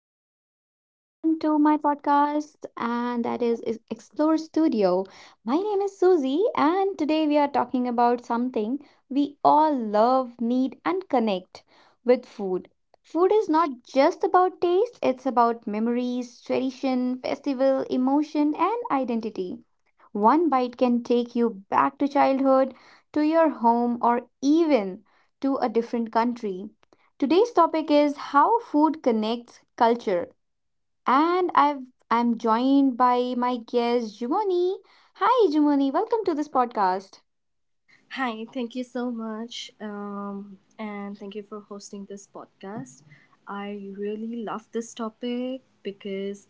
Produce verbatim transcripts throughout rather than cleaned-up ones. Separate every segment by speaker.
Speaker 1: Hello.
Speaker 2: welcome everyone to my podcast, and that is, is Explore Studio. My name is Susie, and today we are talking about something we all love, need, and connect with food. Food is not just about taste, it's about memories, tradition, festival, emotion, and identity. One bite can take you back to childhood, to your home, or even to a different country. Today's topic is how food connects culture, and I've I'm joined by my guest Jumani. Hi, Jumani. Welcome to this podcast.
Speaker 1: Hi, thank you so much. Um, and thank you for hosting this podcast. I really love this topic because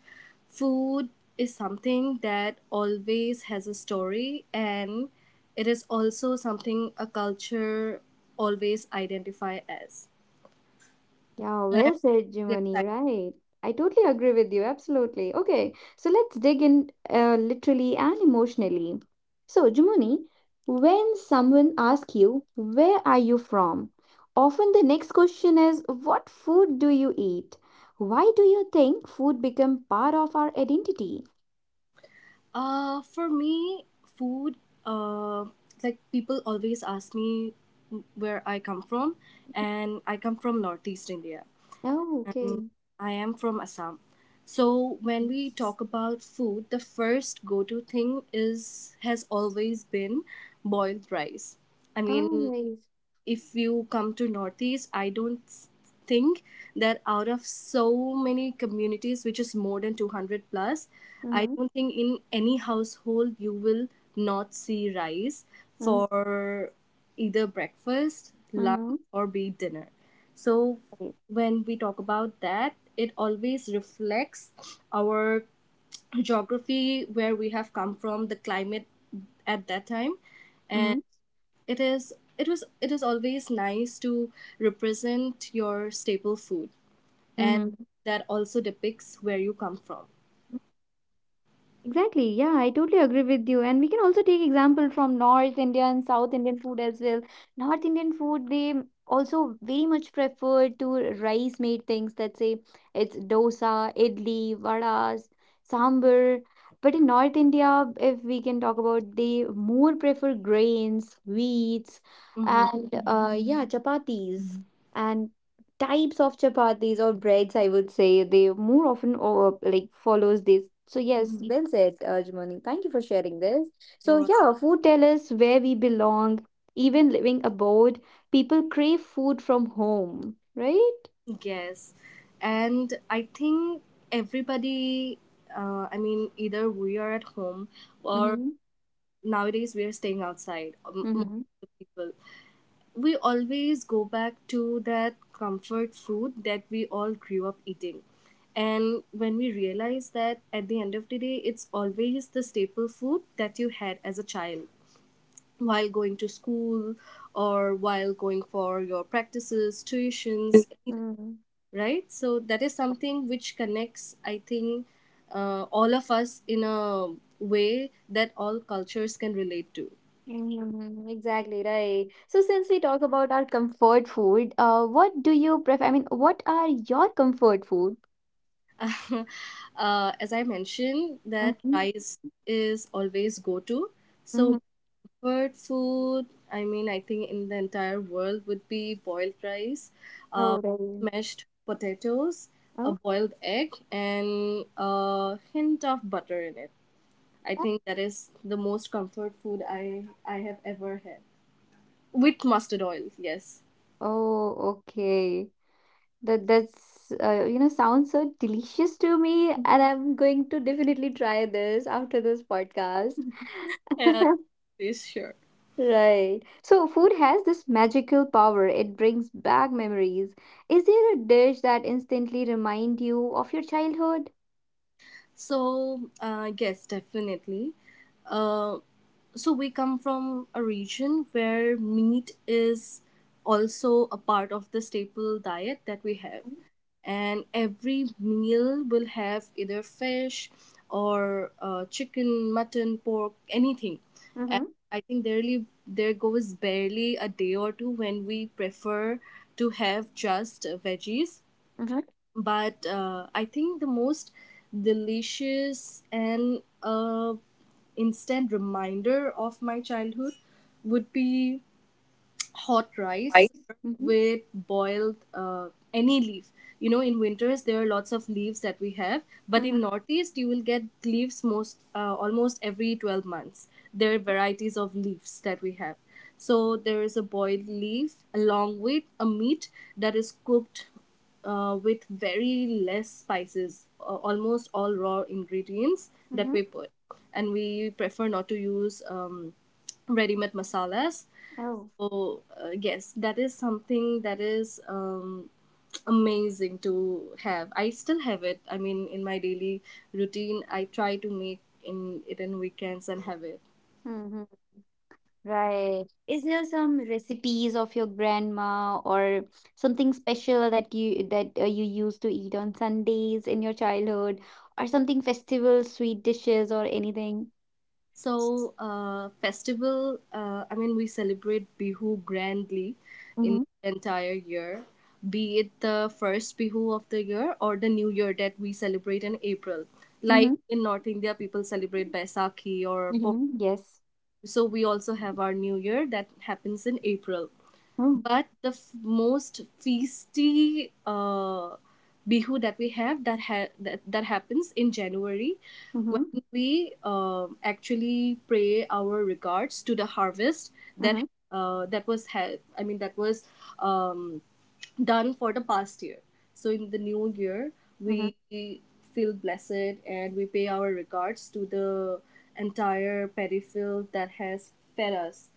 Speaker 1: food is something that always has a story, and it is also something a culture always identify as.
Speaker 2: Yeah,
Speaker 1: And I'm
Speaker 2: well said,
Speaker 1: really
Speaker 2: Jumani.
Speaker 1: excited.
Speaker 2: Right. I totally agree with you. Absolutely. Okay, so let's dig in, uh, literally and emotionally. So, Jumani, when someone asks you, where are you from? Often the next question is, what food do you eat? Why do you think food become part of our identity?
Speaker 1: Uh, for me, food, uh, like people always ask me where I come from, and I come from Northeast India.
Speaker 2: Oh,
Speaker 1: And
Speaker 2: okay.
Speaker 1: I am from Assam. So when
Speaker 2: Mm.
Speaker 1: we talk about food, the first go-to thing is has always been boiled rice. I
Speaker 2: Oh,
Speaker 1: mean,
Speaker 2: nice.
Speaker 1: if you come to northeast, I don't think that out of so many communities, which is more than two hundred plus, I
Speaker 2: Mm-hmm.
Speaker 1: don't think in any household you will not see rice
Speaker 2: Mm-hmm.
Speaker 1: for either breakfast,
Speaker 2: Mm-hmm.
Speaker 1: lunch, or be it dinner. So
Speaker 2: Right.
Speaker 1: when we talk about that, it always reflects our geography, where we have come from, the climate at that time, and
Speaker 2: Mm-hmm.
Speaker 1: it is it was it is always nice to represent your staple food, and
Speaker 2: Mm-hmm.
Speaker 1: that also depicts where you come from.
Speaker 2: Exactly. Yeah, I totally agree with you. And we can also take example from North India and South Indian food as well. North Indian food, they also very much prefer to rice made things, that say it's dosa, idli, vadas, sambar. But in North India, if we can talk about, they more prefer grains, wheats,
Speaker 1: Mm-hmm.
Speaker 2: and uh, yeah, chapatis. And types of chapatis or breads, I would say, they more often over, like follows this. So yes,
Speaker 1: Mm-hmm.
Speaker 2: well said, Arjumani. Thank you for sharing this.
Speaker 1: You're
Speaker 2: So
Speaker 1: right.
Speaker 2: yeah, food tell us where we belong even living abroad. People crave food from home, right?
Speaker 1: Yes, and I think everybody, uh, I mean, either we are at home or
Speaker 2: Mm-hmm.
Speaker 1: nowadays we are staying outside, um, most
Speaker 2: Mm-hmm.
Speaker 1: of the people, we always go back to that comfort food that we all grew up eating. And when we realize that, at the end of the day, it's always the staple food that you had as a child while going to school or while going for your practices, tuitions,
Speaker 2: Mm,
Speaker 1: right? So that is something which connects, I think, uh, all of us in a way that all cultures can relate to.
Speaker 2: mm, exactly right. So since we talk about our comfort food, uh, what do you prefer? I mean, what are your comfort food?
Speaker 1: Uh, as I mentioned, that
Speaker 2: Mm-hmm.
Speaker 1: rice is always go to. So
Speaker 2: Mm-hmm.
Speaker 1: my comfort food, I mean, I think in the entire world would be boiled rice, uh,
Speaker 2: Oh,
Speaker 1: mashed potatoes, a
Speaker 2: right.
Speaker 1: boiled egg, and a hint of butter in it. I think that is the most comfort food I I have ever had, with mustard oil. Yes,
Speaker 2: Oh, okay. That that's uh, you know sounds so delicious to me, and I'm going to definitely try this after this podcast.
Speaker 1: yeah, yes, sure.
Speaker 2: Right. So food has this magical power. It brings back memories. Is there a dish that instantly remind you of your childhood?
Speaker 1: So, uh, yes, definitely. Um, so we come from a region where meat is also a part of the staple diet that we have, and every meal will have either fish or uh, chicken, mutton, pork, anything. And
Speaker 2: Mm-hmm.
Speaker 1: I think there, really, there goes barely a day or two when we prefer to have just uh, veggies.
Speaker 2: Mm-hmm.
Speaker 1: But uh, I think the most delicious and uh, instant reminder of my childhood would be hot rice
Speaker 2: Rice. Mm-hmm.
Speaker 1: with boiled uh, any leaf. You know, in winters there are lots of leaves that we have, but
Speaker 2: Mm-hmm.
Speaker 1: in northeast you will get leaves most uh, almost every twelve months. There are varieties of leaves that we have. So there is a boiled leaf along with a meat that is cooked uh, with very less spices, uh, almost all raw ingredients that
Speaker 2: Mm-hmm.
Speaker 1: we put. And we prefer not to use um, ready made masalas.
Speaker 2: Oh.
Speaker 1: So uh, yes, that is something that is um, amazing to have. I still have it. I mean, in my daily routine, I try to make in it in weekends and have it.
Speaker 2: Mm-hmm. Right. Is there some recipes of your grandma or something special that you that uh, you used to eat on Sundays in your childhood, or something festival sweet dishes or anything?
Speaker 1: So uh, festival. Uh, I mean, we celebrate Bihu grandly in
Speaker 2: Mm-hmm.
Speaker 1: the entire year. Be it the first Bihu of the year or the New Year that we celebrate in April. Like
Speaker 2: Mm-hmm.
Speaker 1: in North India, people celebrate Baisakhi or Pongal.
Speaker 2: Mm-hmm. Yes.
Speaker 1: So we also have our New Year that happens in April.
Speaker 2: Mm-hmm.
Speaker 1: But the f- most feisty uh, Bihu that we have, that ha- that, that happens in January, when
Speaker 2: Mm-hmm.
Speaker 1: we uh, actually pray our regards to the harvest that
Speaker 2: Mm-hmm.
Speaker 1: uh, that was ha- I mean, that was um, done for the past year. So in the new year,
Speaker 2: Mm-hmm.
Speaker 1: we feel blessed, and we pay our regards to the entire peripheral that has fed us,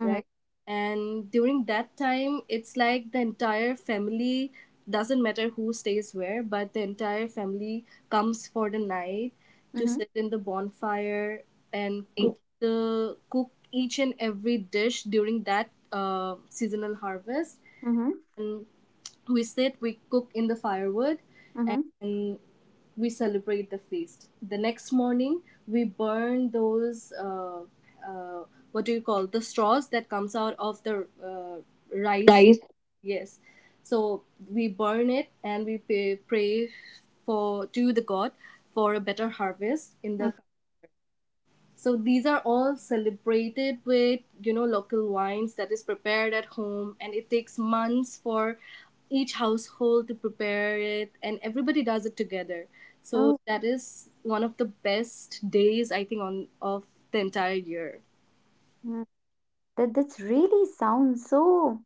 Speaker 2: Mm-hmm.
Speaker 1: right? And during that time, it's like the entire family, doesn't matter who stays where, but the entire family comes for the night to
Speaker 2: Mm-hmm.
Speaker 1: sit in the bonfire and cook the cook each and every dish during that uh, seasonal harvest.
Speaker 2: Mm-hmm.
Speaker 1: And we sit, we cook in the firewood,
Speaker 2: Mm-hmm.
Speaker 1: and we celebrate the feast. The next morning, we burn those uh, uh, what do you call the straws that comes out of the uh, rice?
Speaker 2: Rice.
Speaker 1: Yes, so we burn it, and we pay, pray for to the god for a better harvest in
Speaker 2: Mm.
Speaker 1: the so these are all celebrated with, you know, local wines that is prepared at home, and it takes months for each household to prepare it, and everybody does it together. So
Speaker 2: Oh.
Speaker 1: that is one of the best days, I think, on of the entire year.
Speaker 2: That that's really sounds so,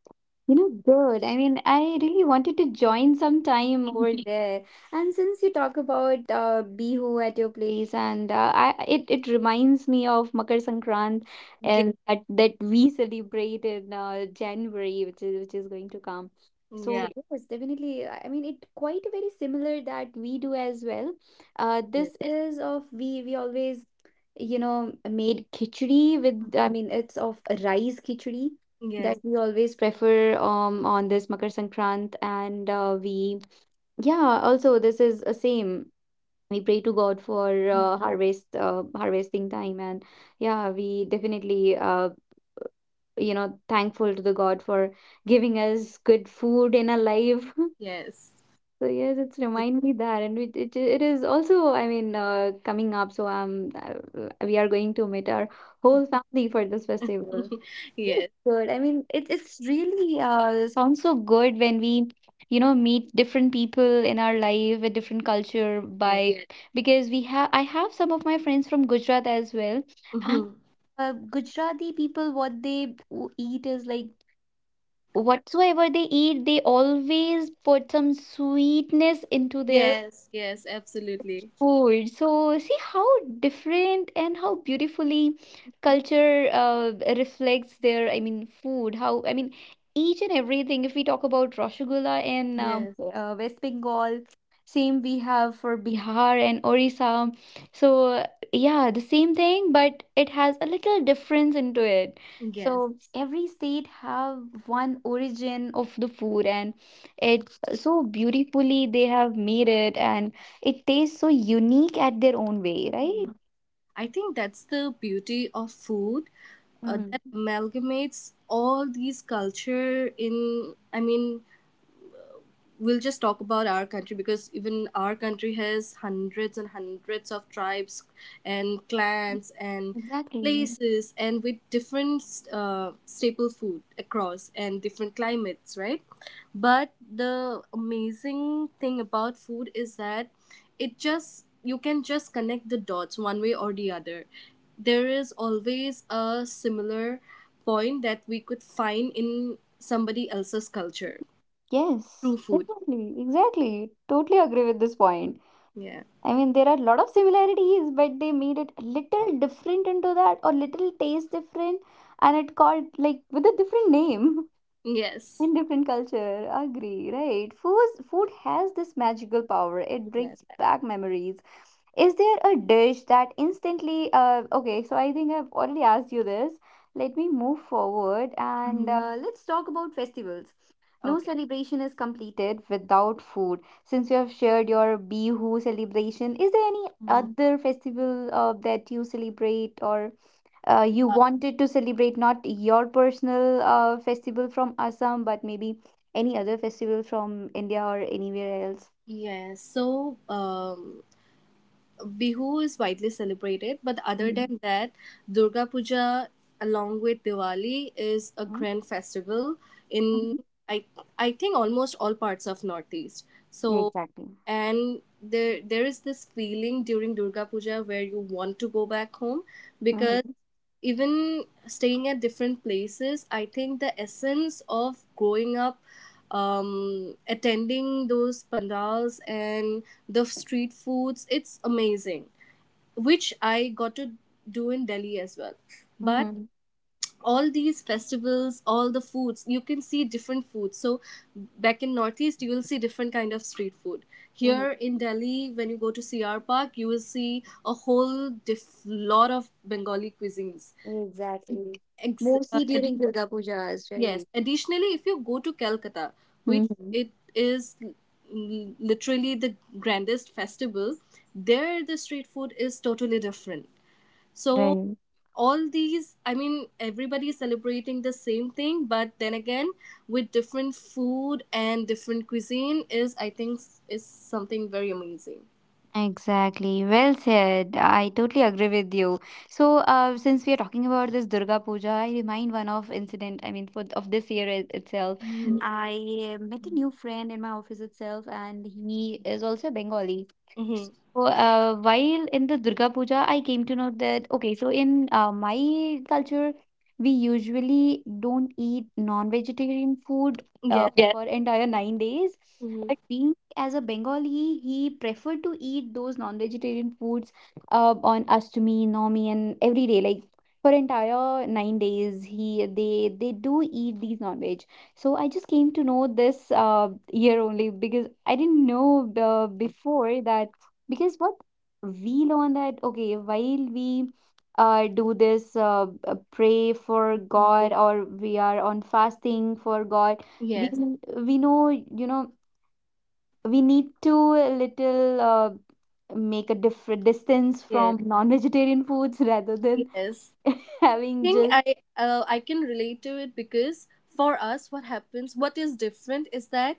Speaker 2: you know, good. I mean, I really wanted to join some time over there. And since you talk about uh, Bihu at your place, and uh, I it it reminds me of Makar Sankrant,
Speaker 1: Ge-
Speaker 2: and that that we celebrate in uh, January, which is which is going to come. So
Speaker 1: Yeah.
Speaker 2: yes, definitely. I I mean, it quite very similar that we do as well. Uh,
Speaker 1: Yes.
Speaker 2: this is of we we always you know, made khichdi with, I mean, it's of rice khichdi that
Speaker 1: Yes.
Speaker 2: we always prefer um on this Makar Sankrant, and uh, we yeah, also this is a same. We pray to God for
Speaker 1: Yeah.
Speaker 2: uh, harvest uh, harvesting time, and yeah, we definitely uh, you know thankful to the God for giving us good food in our life.
Speaker 1: Yes.
Speaker 2: So yes, it's remind me that, and it it, it is also, I mean, uh, coming up. So um, uh, we are going to meet our whole family for this festival. Ooh,
Speaker 1: Yes.
Speaker 2: good. I mean, it it's really uh sounds so good when we, you know, meet different people in our life with different culture
Speaker 1: Yes.
Speaker 2: by. Yes. Because we have I have some of my friends from Gujarat as well. And,
Speaker 1: Hmm.
Speaker 2: uh, Gujarati people, what they w- eat is like whatsoever they eat, they always put some sweetness into their
Speaker 1: Yes. Yes. Absolutely.
Speaker 2: food. So see how different and how beautifully culture uh, reflects their, I mean, food. How, I mean, each and everything. If we talk about Rasgulla in um,
Speaker 1: Yes.
Speaker 2: uh, West Bengal, same we have for Bihar and Orissa. So uh, yeah, the same thing, but it has a little difference into it.
Speaker 1: Yes.
Speaker 2: So every state have one origin of the food, and it so beautifully they have made it, and it tastes so unique at their own way, right?
Speaker 1: I think that's the beauty of food, uh,
Speaker 2: Mm,
Speaker 1: that amalgamates all these culture in, I mean, we'll just talk about our country, because even our country has hundreds and hundreds of tribes and clans and
Speaker 2: exactly.
Speaker 1: places, and with different uh, staple food across and different climates, right? But the amazing thing about food is that it just, you can just connect the dots one way or the other. There is always a similar point that we could find in somebody else's culture,
Speaker 2: Yes,
Speaker 1: through food,
Speaker 2: definitely. Exactly. Totally agree with this point.
Speaker 1: yeah.
Speaker 2: I mean, there are a lot of similarities, but they made it a little different into that or little taste different, and it called like with a different name.
Speaker 1: Yes.
Speaker 2: In different culture, agree, right? Food, food has this magical power. It
Speaker 1: Yes.
Speaker 2: brings back memories. Is there a dish that instantly? Uh, okay, so I think I've already asked you this. Let me move forward and
Speaker 1: Hmm.
Speaker 2: uh, let's talk about festivals. No
Speaker 1: Okay.
Speaker 2: celebration is completed without food. Since you have shared your Bihu celebration, is there any
Speaker 1: Mhm.
Speaker 2: other festival uh, that you celebrate, or uh, you
Speaker 1: Uh,
Speaker 2: wanted to celebrate not your personal uh, festival from Assam, but maybe any other festival from India or anywhere else.
Speaker 1: yes. So, um, Bihu is widely celebrated, but other
Speaker 2: Mm-hmm.
Speaker 1: than that, Durga Puja, along with Diwali, is a
Speaker 2: Mm?
Speaker 1: grand festival in
Speaker 2: Mm-hmm.
Speaker 1: I I think almost all parts of Northeast. So,
Speaker 2: Exactly.
Speaker 1: and there there is this feeling during Durga Puja where you want to go back home, because
Speaker 2: Mm-hmm.
Speaker 1: even staying at different places, I think the essence of growing up, um, attending those pandals and the street foods, it's amazing, which I got to do in Delhi as well. But
Speaker 2: Mm-hmm.
Speaker 1: all these festivals, all the foods, you can see different foods. So back in Northeast, you will see different kind of street food.
Speaker 2: Mm-hmm.
Speaker 1: Here in Delhi, when you go to C R Park, you will see a whole diff- lot of Bengali cuisines.
Speaker 2: Exactly.
Speaker 1: Ex- uh,
Speaker 2: Mostly during
Speaker 1: addi-
Speaker 2: Durga Pujas,
Speaker 1: yes.
Speaker 2: right?
Speaker 1: Additionally, if you go to Calcutta, which
Speaker 2: Mm-hmm.
Speaker 1: it is l- l- literally the grandest festival, there the street food is totally different. So
Speaker 2: Right.
Speaker 1: all these, I mean, everybody is celebrating the same thing, but then again, with different food and different cuisine is, I think, s- is something very amazing.
Speaker 2: Exactly. Well said. I totally agree with you. So, uh, since we are talking about this Durga Puja, I remind one of incident. I mean, for of this year it- itself. Mm.
Speaker 1: Mm-hmm.
Speaker 2: I uh, met a new friend in my office itself, and he is also Bengali.
Speaker 1: Mm-hmm.
Speaker 2: So, uh, while in the Durga Puja, I came to know that okay, so in uh, my culture, we usually don't eat non-vegetarian food, uh,
Speaker 1: Yes.
Speaker 2: yeah, for entire nine days.
Speaker 1: Mm-hmm.
Speaker 2: As a Bengali, he preferred to eat those non-vegetarian foods uh, on Ashtami, Navami, and every day. Like, for entire nine days, he they they do eat these non-veg. So I just came to know this uh, year only, because I didn't know uh, before that, because what we learn that okay, while we uh, do this uh, uh, pray for God, or we are on fasting for God, we
Speaker 1: Yes.
Speaker 2: we know you know we need to a little uh, make a different distance
Speaker 1: Yes.
Speaker 2: from non-vegetarian foods rather than
Speaker 1: Yes.
Speaker 2: having
Speaker 1: think
Speaker 2: just.
Speaker 1: I uh, I can relate to it, because for us, what happens, what is different is that,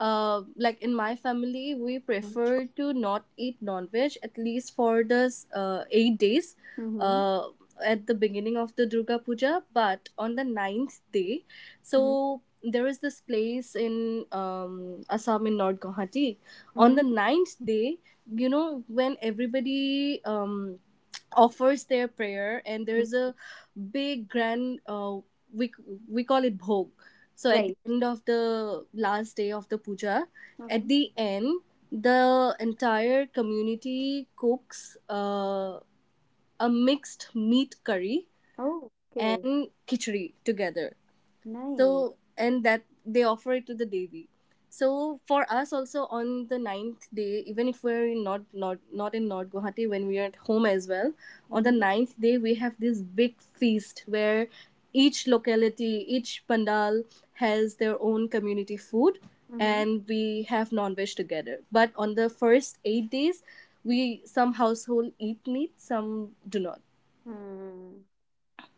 Speaker 1: uh, like in my family, we prefer
Speaker 2: Mm-hmm.
Speaker 1: to not eat non-veg at least for the uh, eight days, uh, at the beginning of the Durga Puja. But on the ninth day,
Speaker 2: Mm-hmm.
Speaker 1: so there is this place in um, Assam, in North Guwahati. On
Speaker 2: Mm-hmm.
Speaker 1: the ninth day, you know, when everybody um offers their prayer, and
Speaker 2: Hmm.
Speaker 1: there's a big grand uh, we we call it bhog. So at the
Speaker 2: Right.
Speaker 1: end of the last day of the puja, at
Speaker 2: Uh-huh.
Speaker 1: the end, the entire community cooks uh, a mixed meat curry
Speaker 2: Oh, okay.
Speaker 1: and khichdi together. So
Speaker 2: Nice.
Speaker 1: and that they offer it to the devi. So for us also, on the ninth day, even if we're in not not not in north guwahati, when we are at home as well, on the
Speaker 2: Mm-hmm.
Speaker 1: ninth day we have this big feast, where each locality, each pandal, has their own community food,
Speaker 2: Mm-hmm.
Speaker 1: and we have non-veg together. But on the first eight days, we, some household eat meat, some do not,
Speaker 2: Hmm.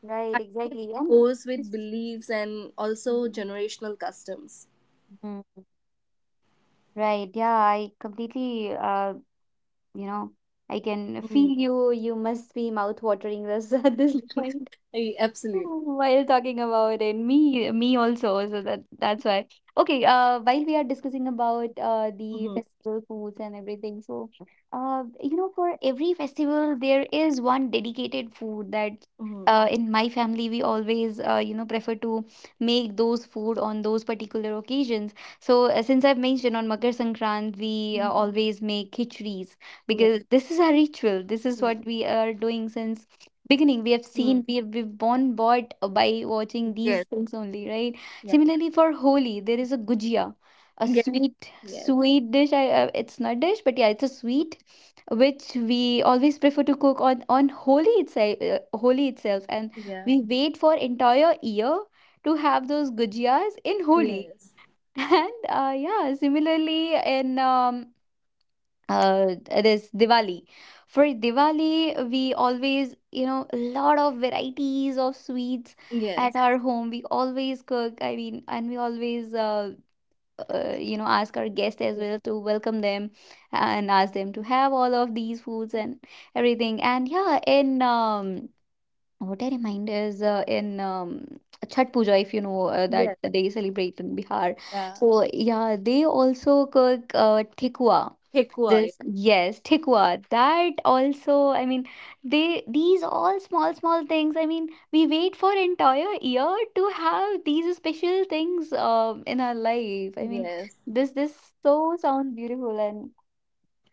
Speaker 2: Right, exactly. And
Speaker 1: goes with
Speaker 2: this-
Speaker 1: beliefs and also
Speaker 2: mhm.
Speaker 1: generational customs.
Speaker 2: Mm, right. Yeah, I completely uh, you know I can feel you you must be mouth watering this at this point.
Speaker 1: I- Absolutely.
Speaker 2: While talking about it, me me also, so that that's why. Okay, uh, while we are discussing about uh the
Speaker 1: Mm-hmm.
Speaker 2: festival foods and everything. So uh, you know, for every festival there is one dedicated food that
Speaker 1: Mm-hmm.
Speaker 2: uh in my family we always uh you know prefer to make those food on those particular occasions. So uh, since I've mentioned on Makar Sankrant, we uh,
Speaker 1: Mm-hmm.
Speaker 2: always make khichris,
Speaker 1: Yeah.
Speaker 2: because this is our ritual. This is
Speaker 1: Yeah.
Speaker 2: what we are doing since beginning. We have
Speaker 1: Mm.
Speaker 2: seen, we have we've born bought by watching these
Speaker 1: Yes.
Speaker 2: things only, right?
Speaker 1: Yeah.
Speaker 2: Similarly, for holi there is a gujia, a
Speaker 1: Yes.
Speaker 2: sweet
Speaker 1: Yes.
Speaker 2: sweet dish. I, uh, it's not dish, but yeah, it's a sweet which we always prefer to cook on on holi itself uh, holi itself And
Speaker 1: Yeah.
Speaker 2: we wait for entire year to have those gujias in holi.
Speaker 1: Yes.
Speaker 2: And uh, yeah, similarly in um, uh, this Diwali. For Diwali, we always, you know, a lot of varieties of sweets at
Speaker 1: Yes.
Speaker 2: our home. We always cook, I mean, and we always, uh, uh, you know, ask our guests as
Speaker 1: Yeah.
Speaker 2: well to welcome them and ask them to have all of these foods and everything. And yeah, in um, what I remind is uh, in um, Chhat Puja, if you know uh, that
Speaker 1: Yes.
Speaker 2: they celebrate in Bihar.
Speaker 1: Yeah.
Speaker 2: So yeah, they also cook uh, tikwa.
Speaker 1: Take quiet.
Speaker 2: This, yes, tikwa. That also, I mean, they these all small small things. I mean, we wait for entire year to have these special things um in our life. I mean,
Speaker 1: Yes.
Speaker 2: this this so sounds beautiful. And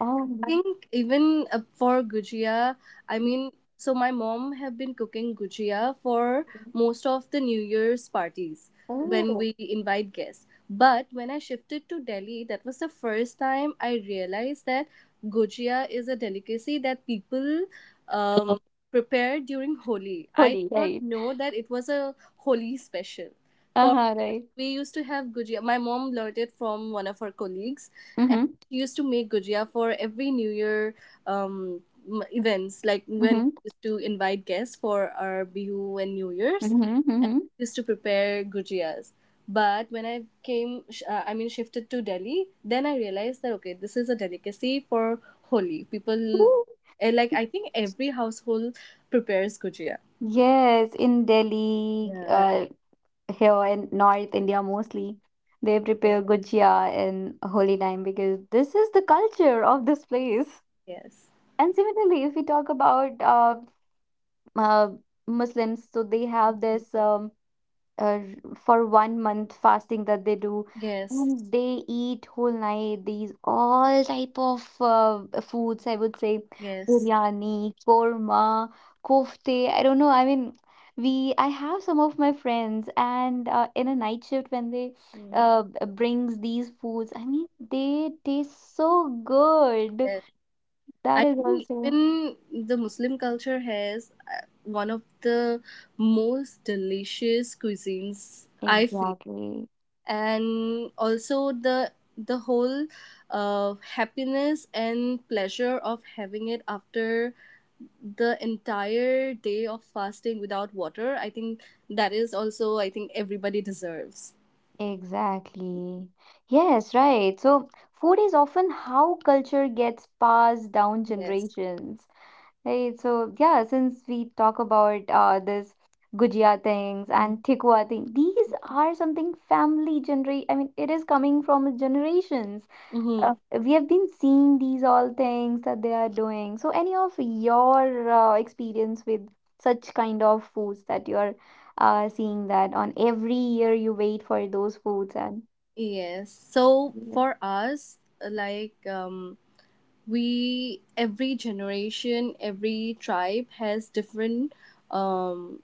Speaker 2: oh,
Speaker 1: think Even uh, for gujia, I
Speaker 2: mhm.
Speaker 1: mean, so my mom have been cooking gujia for most of the New Year's parties when
Speaker 2: Oh,
Speaker 1: we invite guests. But when I shifted to Delhi, that was the first time I realized that gujia is a delicacy that people um, prepare during Holi. I
Speaker 2: holy,
Speaker 1: did not
Speaker 2: right.
Speaker 1: know that it was a Holi special. For
Speaker 2: Uh-huh,
Speaker 1: us,
Speaker 2: right.
Speaker 1: we used to have gujia. My mom learned it from one of her colleagues,
Speaker 2: Mm-hmm.
Speaker 1: she used to make gujia for every New Year um, m- events, like when we
Speaker 2: Mm-hmm.
Speaker 1: used to invite guests for our Bihu and New Year's,
Speaker 2: Mm-hmm.
Speaker 1: and
Speaker 2: Mm-hmm.
Speaker 1: we used to prepare gujias. But when I came, sh- uh, I mean, shifted to Delhi, then I realized that okay, this is a delicacy for Holi. People, eh, like, I think every household prepares gujia.
Speaker 2: Yes, in Delhi,
Speaker 1: Yeah.
Speaker 2: uh, here in North India mostly, they
Speaker 1: Yeah.
Speaker 2: prepare gujia in holy time because this is the culture of this place.
Speaker 1: Yes.
Speaker 2: And similarly, if we talk about uh, uh, Muslims, so they have this um, uh, for one month fasting that they do,
Speaker 1: Yes.
Speaker 2: and they eat whole night these all type of uh, foods, I would say
Speaker 1: Yes.
Speaker 2: biryani, korma, kofte, I don't know, I mean, we I have some of my friends, and uh, in a night shift when they
Speaker 1: Mm.
Speaker 2: uh, b- brings these foods, I mean they taste so good.
Speaker 1: Yes. I
Speaker 2: That is
Speaker 1: think
Speaker 2: also
Speaker 1: even the Muslim culture has uh, one of the most delicious cuisines I feel,
Speaker 2: exactly.
Speaker 1: and also the the whole uh, happiness and pleasure of having it after the entire day of fasting without water. I think that is also, I think, everybody deserves.
Speaker 2: Exactly. Yes, right. So food is often how culture gets passed down
Speaker 1: Yes.
Speaker 2: generations. Right. So yeah, since we talk about uh this gujia things and tikwa thing, these are something family generate. I mean, it is coming from generations. Uh,
Speaker 1: Mm-hmm.
Speaker 2: we have been seeing these all things that they are doing. So, any of your uh, experience with such kind of foods that you're uh, seeing that on every year you wait for those foods and.
Speaker 1: Yes. So
Speaker 2: Mm.
Speaker 1: for us, like um, we every generation every tribe has different um,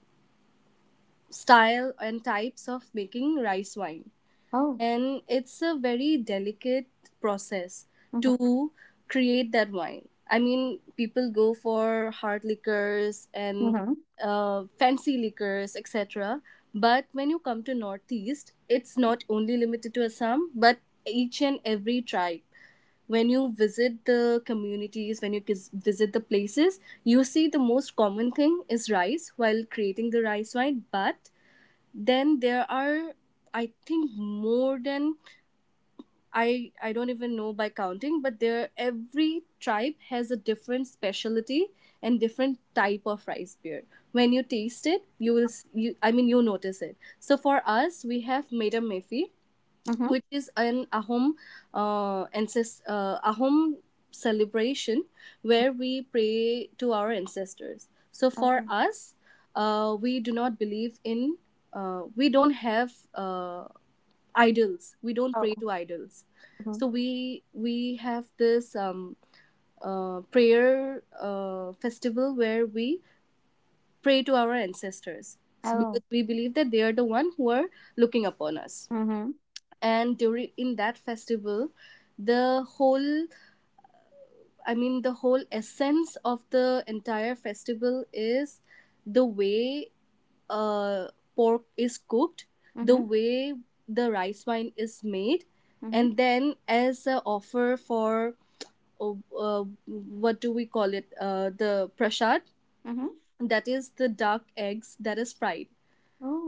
Speaker 1: style and types of making rice wine,
Speaker 2: Oh,
Speaker 1: and it's a very delicate process
Speaker 2: mm-hmm,
Speaker 1: to create that wine. I mean people go for hard liquors and
Speaker 2: mm-hmm,
Speaker 1: uh, fancy liquors etc, but when you come to northeast it's not only limited to assam but each and every tribe, when you visit the communities, when you kis- visit the places, you see the most common thing is rice while creating the rice wine. But then there are, I think, more than, i i don't even know by counting, but there every tribe has a different specialty and different type of rice beer. When you taste it you will s- you, I mean, you notice it. So for us we have Meda mefi,
Speaker 2: mm-hmm,
Speaker 1: which is an Ahom, uh, ancest- uh, Ahom celebration where we pray to our ancestors. So for
Speaker 2: oh,
Speaker 1: us, uh, we do not believe in, uh, we don't have uh, idols. We don't
Speaker 2: oh,
Speaker 1: pray to idols.
Speaker 2: mm-hmm,
Speaker 1: So we we have this um, uh, prayer uh, festival where we pray to our ancestors, because
Speaker 2: oh,
Speaker 1: we believe that they are the one who are looking upon us.
Speaker 2: mm-hmm,
Speaker 1: And during in that festival the whole, I mean the whole essence of the entire festival is the way uh, pork is cooked, the
Speaker 2: mm-hmm,
Speaker 1: way the rice wine is made,
Speaker 2: mm-hmm,
Speaker 1: and then as a offer for, uh, uh, what do we call it, uh, the prashad,
Speaker 2: mm-hmm,
Speaker 1: that is the duck eggs that is fried.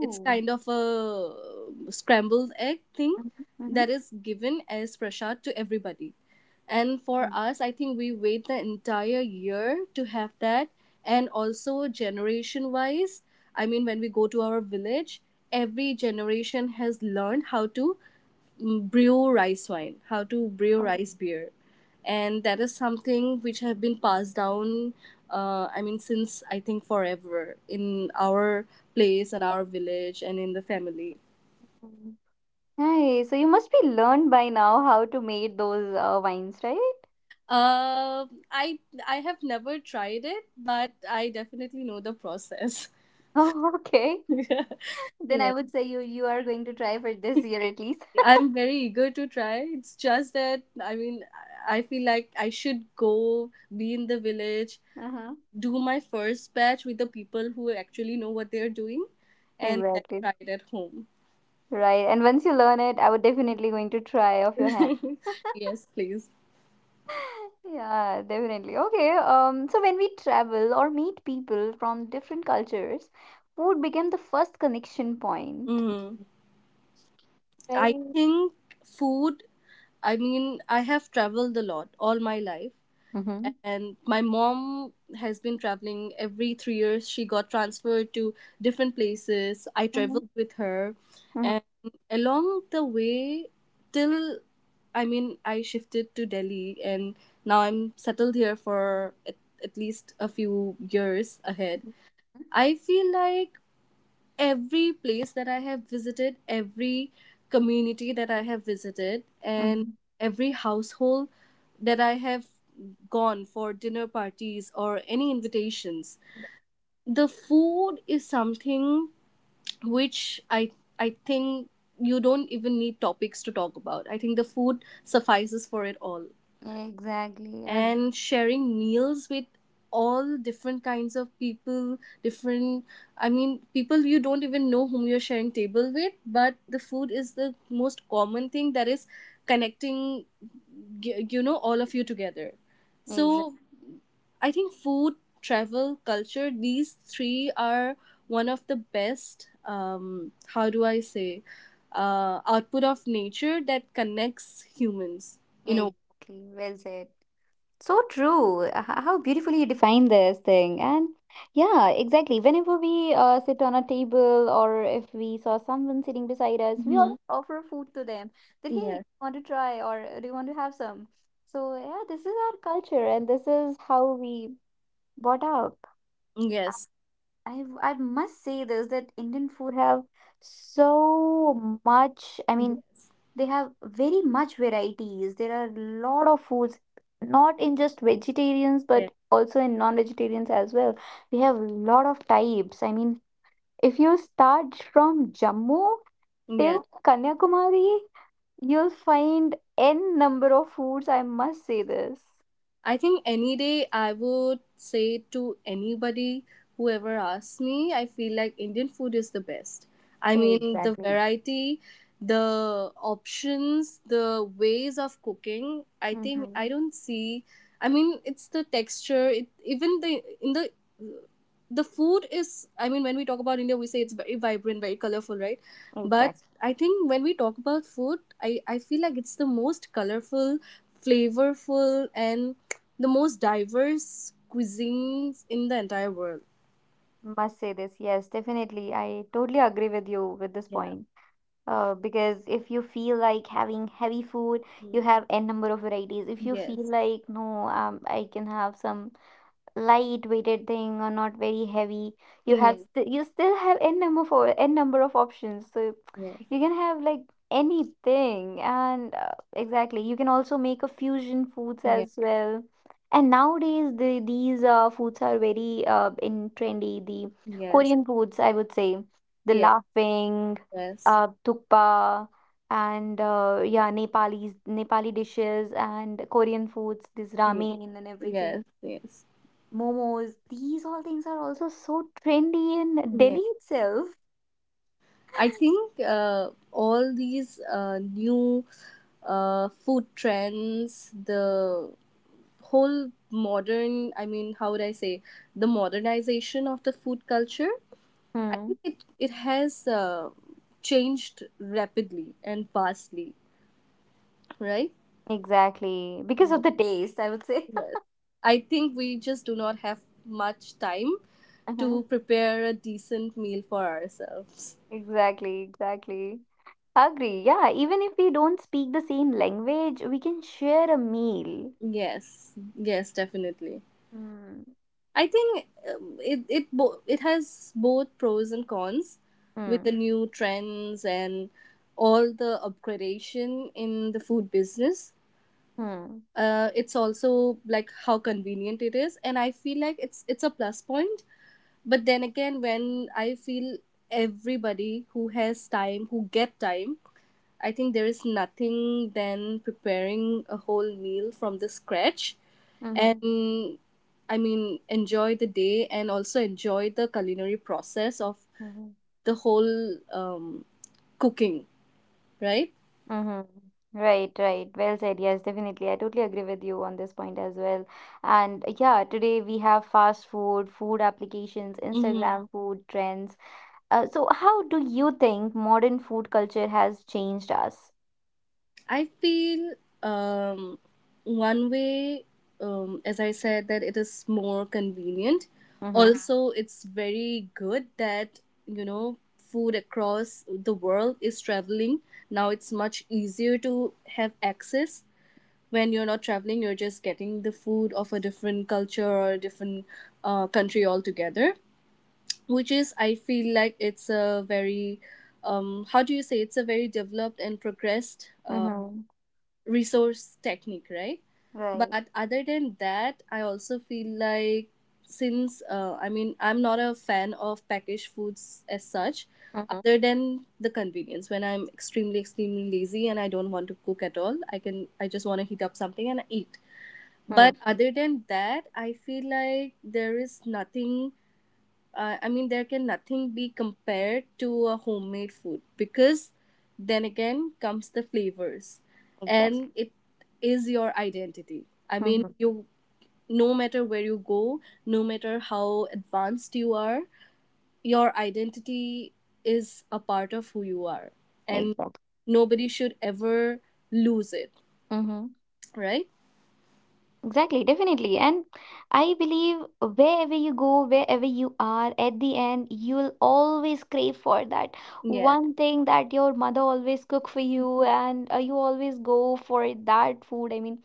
Speaker 1: It's kind of a um, scrambled egg thing
Speaker 2: mm-hmm, mm-hmm.
Speaker 1: that is given as prasad to everybody. And for us I think we wait the entire year to have that. And also generation wise, I mean when we go to our village, every generation has learned how to mm, brew rice wine, how to brew
Speaker 2: Oh.
Speaker 1: rice beer, and that is something which have been passed down, uh, I mean since, I think, forever in our place and our village and in the family.
Speaker 2: Nice. So you must be learned by now how to make those uh, wines, right?
Speaker 1: um i I have never tried it but I definitely know the process.
Speaker 2: Oh, okay. Then I
Speaker 1: Yeah,
Speaker 2: would say you you are going to try for this year at least.
Speaker 1: I'm very eager to try. It's just that, I mean, i I feel like I should go, be in the village,
Speaker 2: Uh-huh.
Speaker 1: do my first batch with the people who actually know what they're doing, and then
Speaker 2: Exactly.
Speaker 1: try it at home.
Speaker 2: Right. And once you learn it, I would definitely going to try off your hand.
Speaker 1: Yes, please.
Speaker 2: Yeah, definitely. Okay. Um, so when we travel or meet people from different cultures, food became the first connection point,
Speaker 1: Hmm. I
Speaker 2: right?
Speaker 1: think food, I mean, I have traveled a lot all my life.
Speaker 2: Mm-hmm.
Speaker 1: And my mom has been traveling every three years. She got transferred to different places. I traveled
Speaker 2: Mm-hmm.
Speaker 1: with her.
Speaker 2: Mm-hmm.
Speaker 1: And along the way, till, I mean, I shifted to Delhi and now I'm settled here for at, at least a few years ahead. I feel like every place that I have visited, every community that I have visited, and
Speaker 2: Mm-hmm.
Speaker 1: every household that I have gone for dinner parties or any invitations, the food is something which, I I think, you don't even need topics to talk about. I think the food suffices for it all.
Speaker 2: Exactly. Ag-
Speaker 1: And sharing meals with all different kinds of people, different, I mean people you don't even know whom you're sharing table with, but the food is the most common thing that is connecting, g- you know, all of you together. So
Speaker 2: Exactly.
Speaker 1: I think food, travel, culture, these three are one of the best, um how do I say, uh output of nature that connects humans, you know.
Speaker 2: Exactly. Well said. So true. H- How beautifully you define this thing. And yeah, exactly. Whenever we uh, sit on a table or if we saw someone sitting beside us, we
Speaker 1: Mm-hmm.
Speaker 2: always offer food to them that, hey,
Speaker 1: Yes,
Speaker 2: want to try or uh, do you want to have some? So yeah, this is our culture and this is how we brought up.
Speaker 1: yes.
Speaker 2: I, I must say this that Indian food have so much. I mean,
Speaker 1: Yes.
Speaker 2: they have very much varieties. There are a lot of foods, not in just vegetarians,
Speaker 1: Yeah.
Speaker 2: but also in non-vegetarians as well. We have a lot of types. I mean, if you start from Jammu
Speaker 1: Yes.
Speaker 2: till Kanyakumari, you'll find n number of foods. I must say this.
Speaker 1: I think any day I would say to anybody whoever asks me, I feel like Indian food is the best. I mean, the
Speaker 2: Exactly.
Speaker 1: variety, the options, the ways of cooking. I think I
Speaker 2: Mm-hmm.
Speaker 1: don't see. I mean, it's the texture. It even the in the the food is. I mean, when we talk about India, we say it's very vibrant, very colorful, right? But
Speaker 2: Exactly.
Speaker 1: I think when we talk about food, I I feel like it's the most colorful, flavorful, and the most diverse cuisines in the entire world.
Speaker 2: Must say this. Yes, definitely. I totally agree with you with this
Speaker 1: Yeah.
Speaker 2: point. Uh, because if you feel like having heavy food, you
Speaker 1: Mm.
Speaker 2: have n number of varieties. If you feel
Speaker 1: Yes.
Speaker 2: like no, um, I can have some light weighted thing or not very heavy you have
Speaker 1: Yes,
Speaker 2: st- you still have n number for n number of options so
Speaker 1: yes,
Speaker 2: you can have like anything and uh, exactly you can also make a fusion foods
Speaker 1: yes,
Speaker 2: as well and nowadays the these uh, foods are very uh, in trendy the
Speaker 1: yes,
Speaker 2: korean foods I would say the
Speaker 1: yes, yes,
Speaker 2: laughing uh, tukpa and uh, yeah nepalese nepali dishes and korean foods this
Speaker 1: yes,
Speaker 2: ramen and everything
Speaker 1: yes, yes.
Speaker 2: momos. These all things are also so trendy in Delhi
Speaker 1: Yes.
Speaker 2: itself.
Speaker 1: I think, uh, all these uh, new uh, food trends, the whole modern, I mean, how would I say, the modernization of the food culture, I
Speaker 2: Hmm.
Speaker 1: think it, it has uh, changed rapidly and vastly, right?
Speaker 2: Exactly. Because of the taste, I would say.
Speaker 1: Yes. I think we just do not have much time
Speaker 2: Uh-huh.
Speaker 1: to prepare a decent meal for ourselves.
Speaker 2: Exactly, exactly. Agree. Yeah, even if we don't speak the same language, we can share a meal.
Speaker 1: Yes. Yes, definitely.
Speaker 2: Hmm.
Speaker 1: I think, um, it it bo- it has both pros and cons with
Speaker 2: Hmm.
Speaker 1: the new trends and all the upgradation in the food business.
Speaker 2: Hmm.
Speaker 1: Uh, it's also like how convenient it is, and I feel like it's it's a plus point, but then again when I feel everybody who has time, who get time, I think there is nothing than preparing a whole meal from the scratch,
Speaker 2: Mm-hmm.
Speaker 1: and, I mean, enjoy the day and also enjoy the culinary process of
Speaker 2: Mm-hmm.
Speaker 1: the whole um, cooking, right?
Speaker 2: Mm-hmm. Right, right. Well said. Yes, definitely. I totally agree with you on this point as well. And uh, yeah, today we have fast food, food applications,
Speaker 1: Mm-hmm.
Speaker 2: Instagram food trends. Uh, so how do you think modern food culture has changed us?
Speaker 1: I feel, um, one way, um, as I said, that it is more convenient.
Speaker 2: Mm-hmm.
Speaker 1: Also, it's very good that, you know, food across the world is traveling. Now it's much easier to have access. When you're not traveling, you're just getting the food of a different culture or a different uh, country altogether, which is, I feel like it's a very, um, how do you say, it's a very developed and progressed uh,
Speaker 2: Mm-hmm.
Speaker 1: resource technique, right?
Speaker 2: Right.
Speaker 1: But other than that, I also feel like since, uh, I mean, I'm not a fan of packaged foods as such,
Speaker 2: Mm-hmm.
Speaker 1: other than the convenience. When I'm extremely, extremely lazy and I don't want to cook at all, I can, I just want to heat up something and eat.
Speaker 2: Mm.
Speaker 1: But other than that, I feel like there is nothing, uh, I mean, there can nothing be compared to a homemade food, because then again comes the flavors,
Speaker 2: Exactly.
Speaker 1: and it is your identity. I mean,
Speaker 2: Mm-hmm.
Speaker 1: you, no matter where you go, no matter how advanced you are, your identity is a part of who you are, and
Speaker 2: Exactly.
Speaker 1: nobody should ever lose it,
Speaker 2: Mm-hmm.
Speaker 1: right?
Speaker 2: Exactly. Definitely. And I believe wherever you go, wherever you are, at the end, you'll always crave for that
Speaker 1: Yes,
Speaker 2: one thing that your mother always cook for you, and uh, you always go for that food. I mean,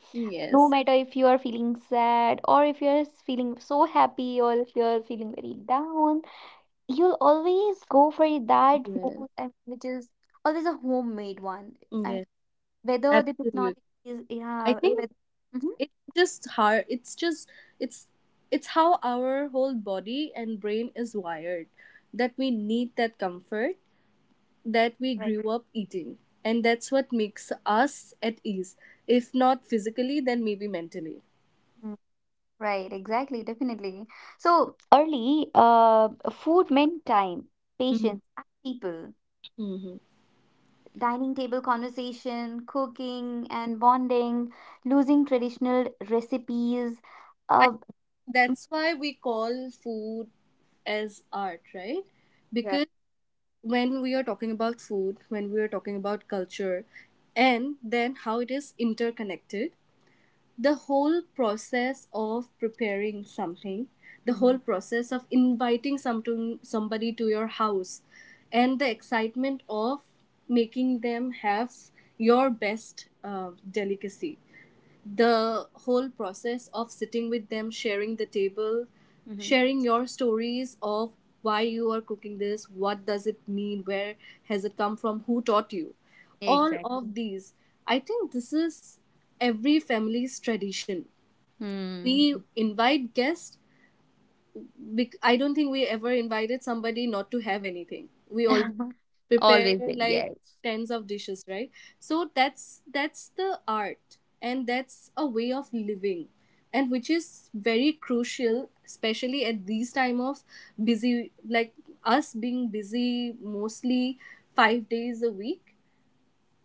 Speaker 2: no
Speaker 1: yes,
Speaker 2: matter if you are feeling sad or if you're feeling so happy or if you're feeling very down, you'll always go for that
Speaker 1: yes,
Speaker 2: food, and which is always a homemade one. I mean,
Speaker 1: yes,
Speaker 2: whether the
Speaker 1: absolutely.
Speaker 2: technology is,
Speaker 1: I
Speaker 2: yeah,
Speaker 1: think
Speaker 2: whether, mhm,
Speaker 1: it's just hard, it's just, it's it's how our whole body and brain is wired, that we need that comfort that we
Speaker 2: right,
Speaker 1: grew up eating, and that's what makes us at ease, if not physically then maybe mentally.
Speaker 2: mm, right, exactly, definitely. So early, uh, food meant time,
Speaker 1: Hmm.
Speaker 2: patience, and people.
Speaker 1: Hmm.
Speaker 2: Dining table conversation, cooking and bonding, losing traditional recipes.
Speaker 1: I,
Speaker 2: Uh,
Speaker 1: that's why we call food as art, right?
Speaker 2: right.
Speaker 1: Because when we are talking about food, when we are talking about culture, and then how it is interconnected, the whole process of preparing something, the
Speaker 2: Mm-hmm.
Speaker 1: whole process of inviting some to somebody to your house, and the excitement of making them have your best uh, delicacy, the whole process of sitting with them, sharing the table,
Speaker 2: Mm-hmm.
Speaker 1: sharing your stories of why you are cooking this, what does it mean, where has it come from, who taught you. All of
Speaker 2: Exactly.
Speaker 1: these. I think this is every family's tradition.
Speaker 2: Mm.
Speaker 1: We invite guests, bec- I don't think we ever invited somebody not to have anything. We all prepare
Speaker 2: Always did,
Speaker 1: like
Speaker 2: yes.
Speaker 1: tens of dishes, right? So that's that's the art and that's a way of living, and which is very crucial especially at these time of busy, like us being busy mostly five days a week.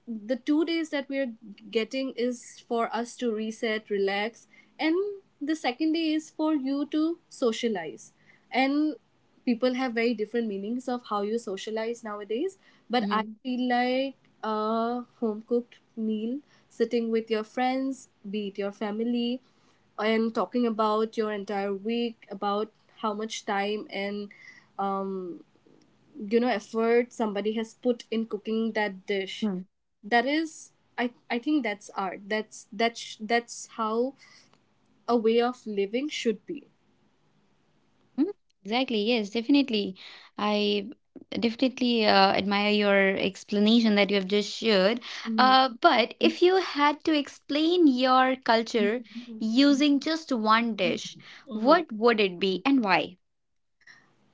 Speaker 1: The two days that we're getting is for us to reset, relax, and the second day is for you to socialize. And people have very different meanings of how you socialize nowadays, but I
Speaker 2: Mhm.
Speaker 1: feel like a home cooked meal, sitting with your friends, be it your family, and talking about your entire week, about how much time and um, you know, effort somebody has put in cooking that dish,
Speaker 2: Hmm.
Speaker 1: that is, I, I think that's art, that's that's that's how a way of living should be.
Speaker 2: Mm, exactly. Yes, definitely. I definitely uh, admire your explanation that you have just shared.
Speaker 1: Mm-hmm.
Speaker 2: Uh, but if you had to explain your culture using just one dish,
Speaker 1: Mm-hmm.
Speaker 2: what would it be and why?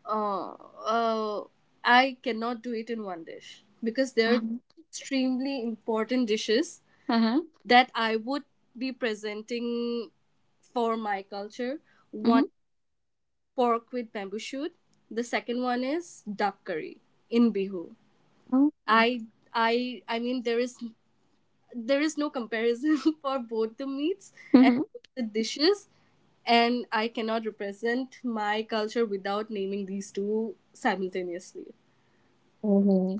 Speaker 1: Uh, uh, I cannot do it in one dish, because there are
Speaker 2: Um,
Speaker 1: extremely important dishes
Speaker 2: uh-huh.
Speaker 1: that I would be presenting for my culture.
Speaker 2: Mm-hmm.
Speaker 1: One, pork with bamboo shoot. The second one is duck curry in bihu.
Speaker 2: Oh.
Speaker 1: I i i mean there is, there is no comparison for both the meats and both the dishes, and I cannot represent my culture without naming these two simultaneously.
Speaker 2: Hmm.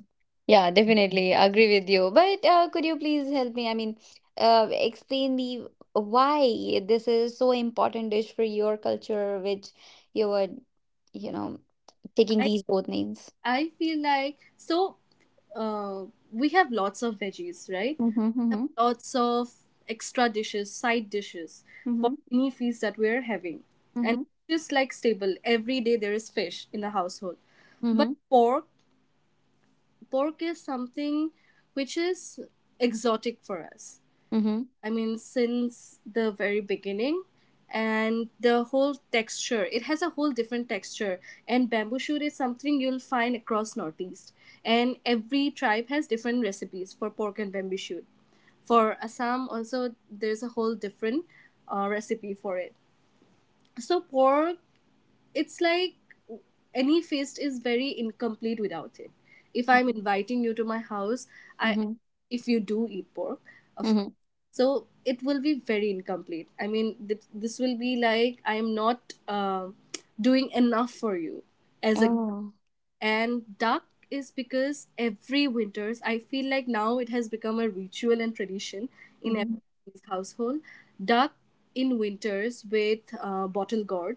Speaker 2: Yeah, definitely agree with you. But uh, could you please help me? I mean, uh, explain me why this is so important dish for your culture, which you were, you know, taking
Speaker 1: i
Speaker 2: these both names.
Speaker 1: i feel like, so, uh, we have lots of veggies, right?
Speaker 2: Mm-hmm,
Speaker 1: We have
Speaker 2: mm-hmm,
Speaker 1: lots of extra dishes, side dishes for
Speaker 2: mm-hmm,
Speaker 1: any feast that we are having. And fish is like stable, every day there is fish in the household, but
Speaker 2: mm-hmm,
Speaker 1: pork, pork is something which is exotic for us.
Speaker 2: mm-hmm,
Speaker 1: I mean, since the very beginning, and the whole texture, it has a whole different texture. And bamboo shoot is something you'll find across northeast, and every tribe has different recipes for pork and bamboo shoot. For assam also there's a whole different uh, recipe for it. So pork, it's like, any feast is very incomplete without it. If I'm
Speaker 2: mm-hmm,
Speaker 1: inviting you to my house, I,
Speaker 2: mm-hmm.
Speaker 1: if you do eat pork, of course.
Speaker 2: Mm-hmm.
Speaker 1: So it will be very incomplete. I mean, th- this will be like I am not uh, doing enough for you as a.
Speaker 2: Oh.
Speaker 1: And duck is because every winters I feel like now it has become a ritual and tradition in
Speaker 2: Mm-hmm,
Speaker 1: every household. Duck in winters with uh, bottle gourd,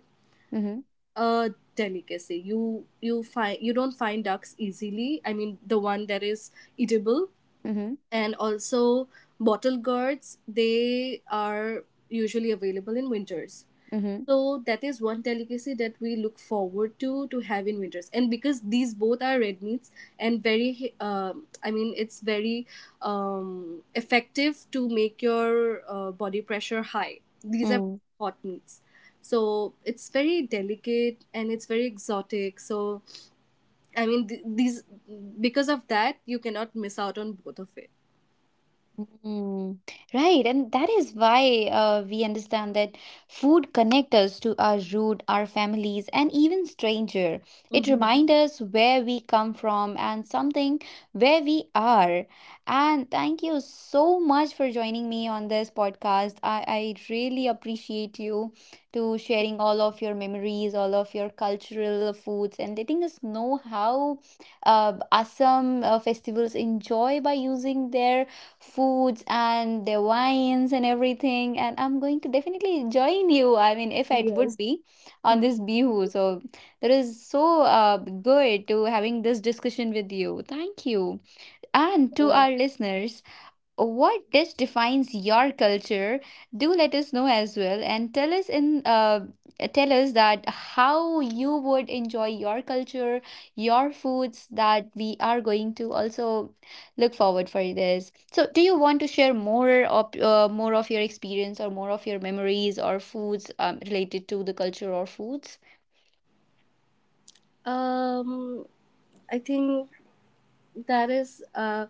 Speaker 2: mm-hmm,
Speaker 1: a delicacy. You you find, you don't find ducks easily. I mean the one that is eatable,
Speaker 2: mm-hmm,
Speaker 1: and also bottle gourds, they are usually available in winters. So that is one delicacy that we look forward to to have in winters, and because these both are red meats and very, um I mean, it's very um, effective to make your uh, body pressure high. These are
Speaker 2: mm-hmm.
Speaker 1: hot meats, so it's very delicate and it's very exotic. So I mean, th- these, because of that you cannot miss out on both of it.
Speaker 2: Mm, right, and that is why uh, we understand that food connect us to our root, our families, and even stranger. It
Speaker 1: Hmm.
Speaker 2: reminds us where we come from and something where we are. And thank you so much for joining me on this podcast. I, I really appreciate you to sharing all of your memories, all of your cultural foods, and letting us know how uh, awesome uh, festivals enjoy by using their foods and their wines and everything and I'm going to definitely join you I mean if it would
Speaker 1: Yes.
Speaker 2: be on this bihu so that is so uh, good to having this discussion with you thank you and to
Speaker 1: Well,
Speaker 2: our listeners what dish defines your culture do let us know as well and tell us in uh, tell us that how you would enjoy your culture your foods that we are going to also look forward for this so do you want to share more of uh, more of your experience or more of your memories or foods um, related to the culture or foods
Speaker 1: um, I think that is uh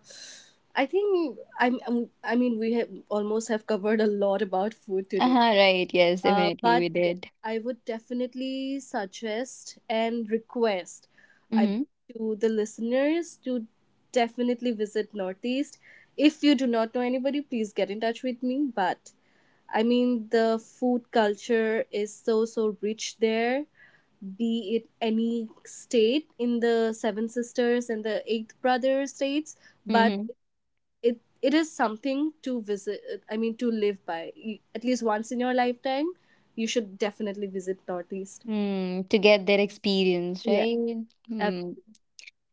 Speaker 1: I think i'm I'm- i mean we have almost have covered a lot about food today.
Speaker 2: uh-huh, right, yes,
Speaker 1: Uh,
Speaker 2: definitely
Speaker 1: but
Speaker 2: we
Speaker 1: yes,
Speaker 2: did.
Speaker 1: I would definitely suggest and request, I mean,
Speaker 2: Mm-hmm,
Speaker 1: to the listeners to definitely visit northeast. If you do not know anybody please get in touch with me, but, I mean, the food culture is so so rich there, be it any state in the Seven Sisters and the Eighth Brother states, but
Speaker 2: mm-hmm.
Speaker 1: it it is something to visit. I mean, to live by. You- at least once in your lifetime. You should definitely visit Northeast.
Speaker 2: Mm, to get their experience
Speaker 1: Yeah.
Speaker 2: right.
Speaker 1: ab-
Speaker 2: Mm.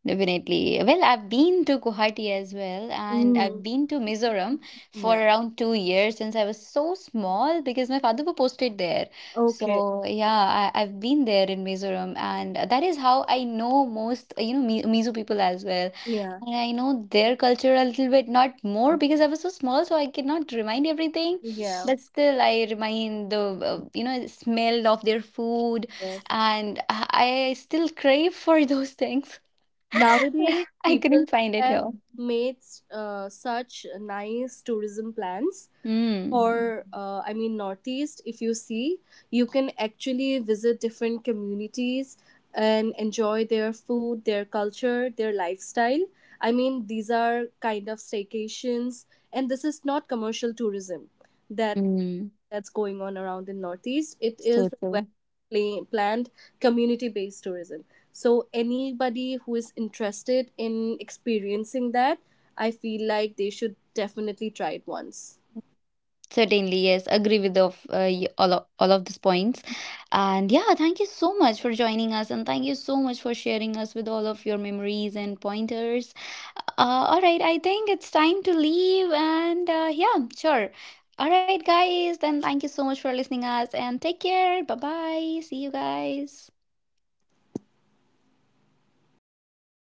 Speaker 2: Definitely. Well, I've been to Guwahati as well, and I've
Speaker 1: Mm,
Speaker 2: been to Mizoram for
Speaker 1: yeah.
Speaker 2: around two years since I was so small because my father was posted there.
Speaker 1: Okay.
Speaker 2: So yeah, I, I've been there in Mizoram, and that is how I know most, you know, Mi- Mizo people as well.
Speaker 1: Yeah.
Speaker 2: And I know their culture a little bit, not more because I was so small, so I cannot remind everything.
Speaker 1: Yeah.
Speaker 2: But still, I remind the, uh, you know, smell of their food,
Speaker 1: Yes.
Speaker 2: and I I still crave for those things.
Speaker 1: Nowadays,
Speaker 2: I
Speaker 1: people
Speaker 2: couldn't find it
Speaker 1: have
Speaker 2: here.
Speaker 1: made uh, such nice tourism plans,
Speaker 2: Mm.
Speaker 1: or, uh, I mean northeast, if you see, you can actually visit different communities and enjoy their food, their culture, their lifestyle. I mean, these are kind of staycations, and this is not commercial tourism that,
Speaker 2: Mm.
Speaker 1: that's going on around in northeast. It
Speaker 2: So
Speaker 1: is well
Speaker 2: true.
Speaker 1: pla- planned community based tourism. So anybody who is interested in experiencing that, I feel like they should definitely try it once.
Speaker 2: Certainly, yes. Agree with of uh, y- all of, all of these points. And yeah, thank you so much for joining us, and thank you so much for sharing us with all of your memories and pointers. Uh, all right, I think it's time to leave, and uh, yeah, sure. All right, guys, then thank you so much for listening us, and take care. Bye bye. See you guys.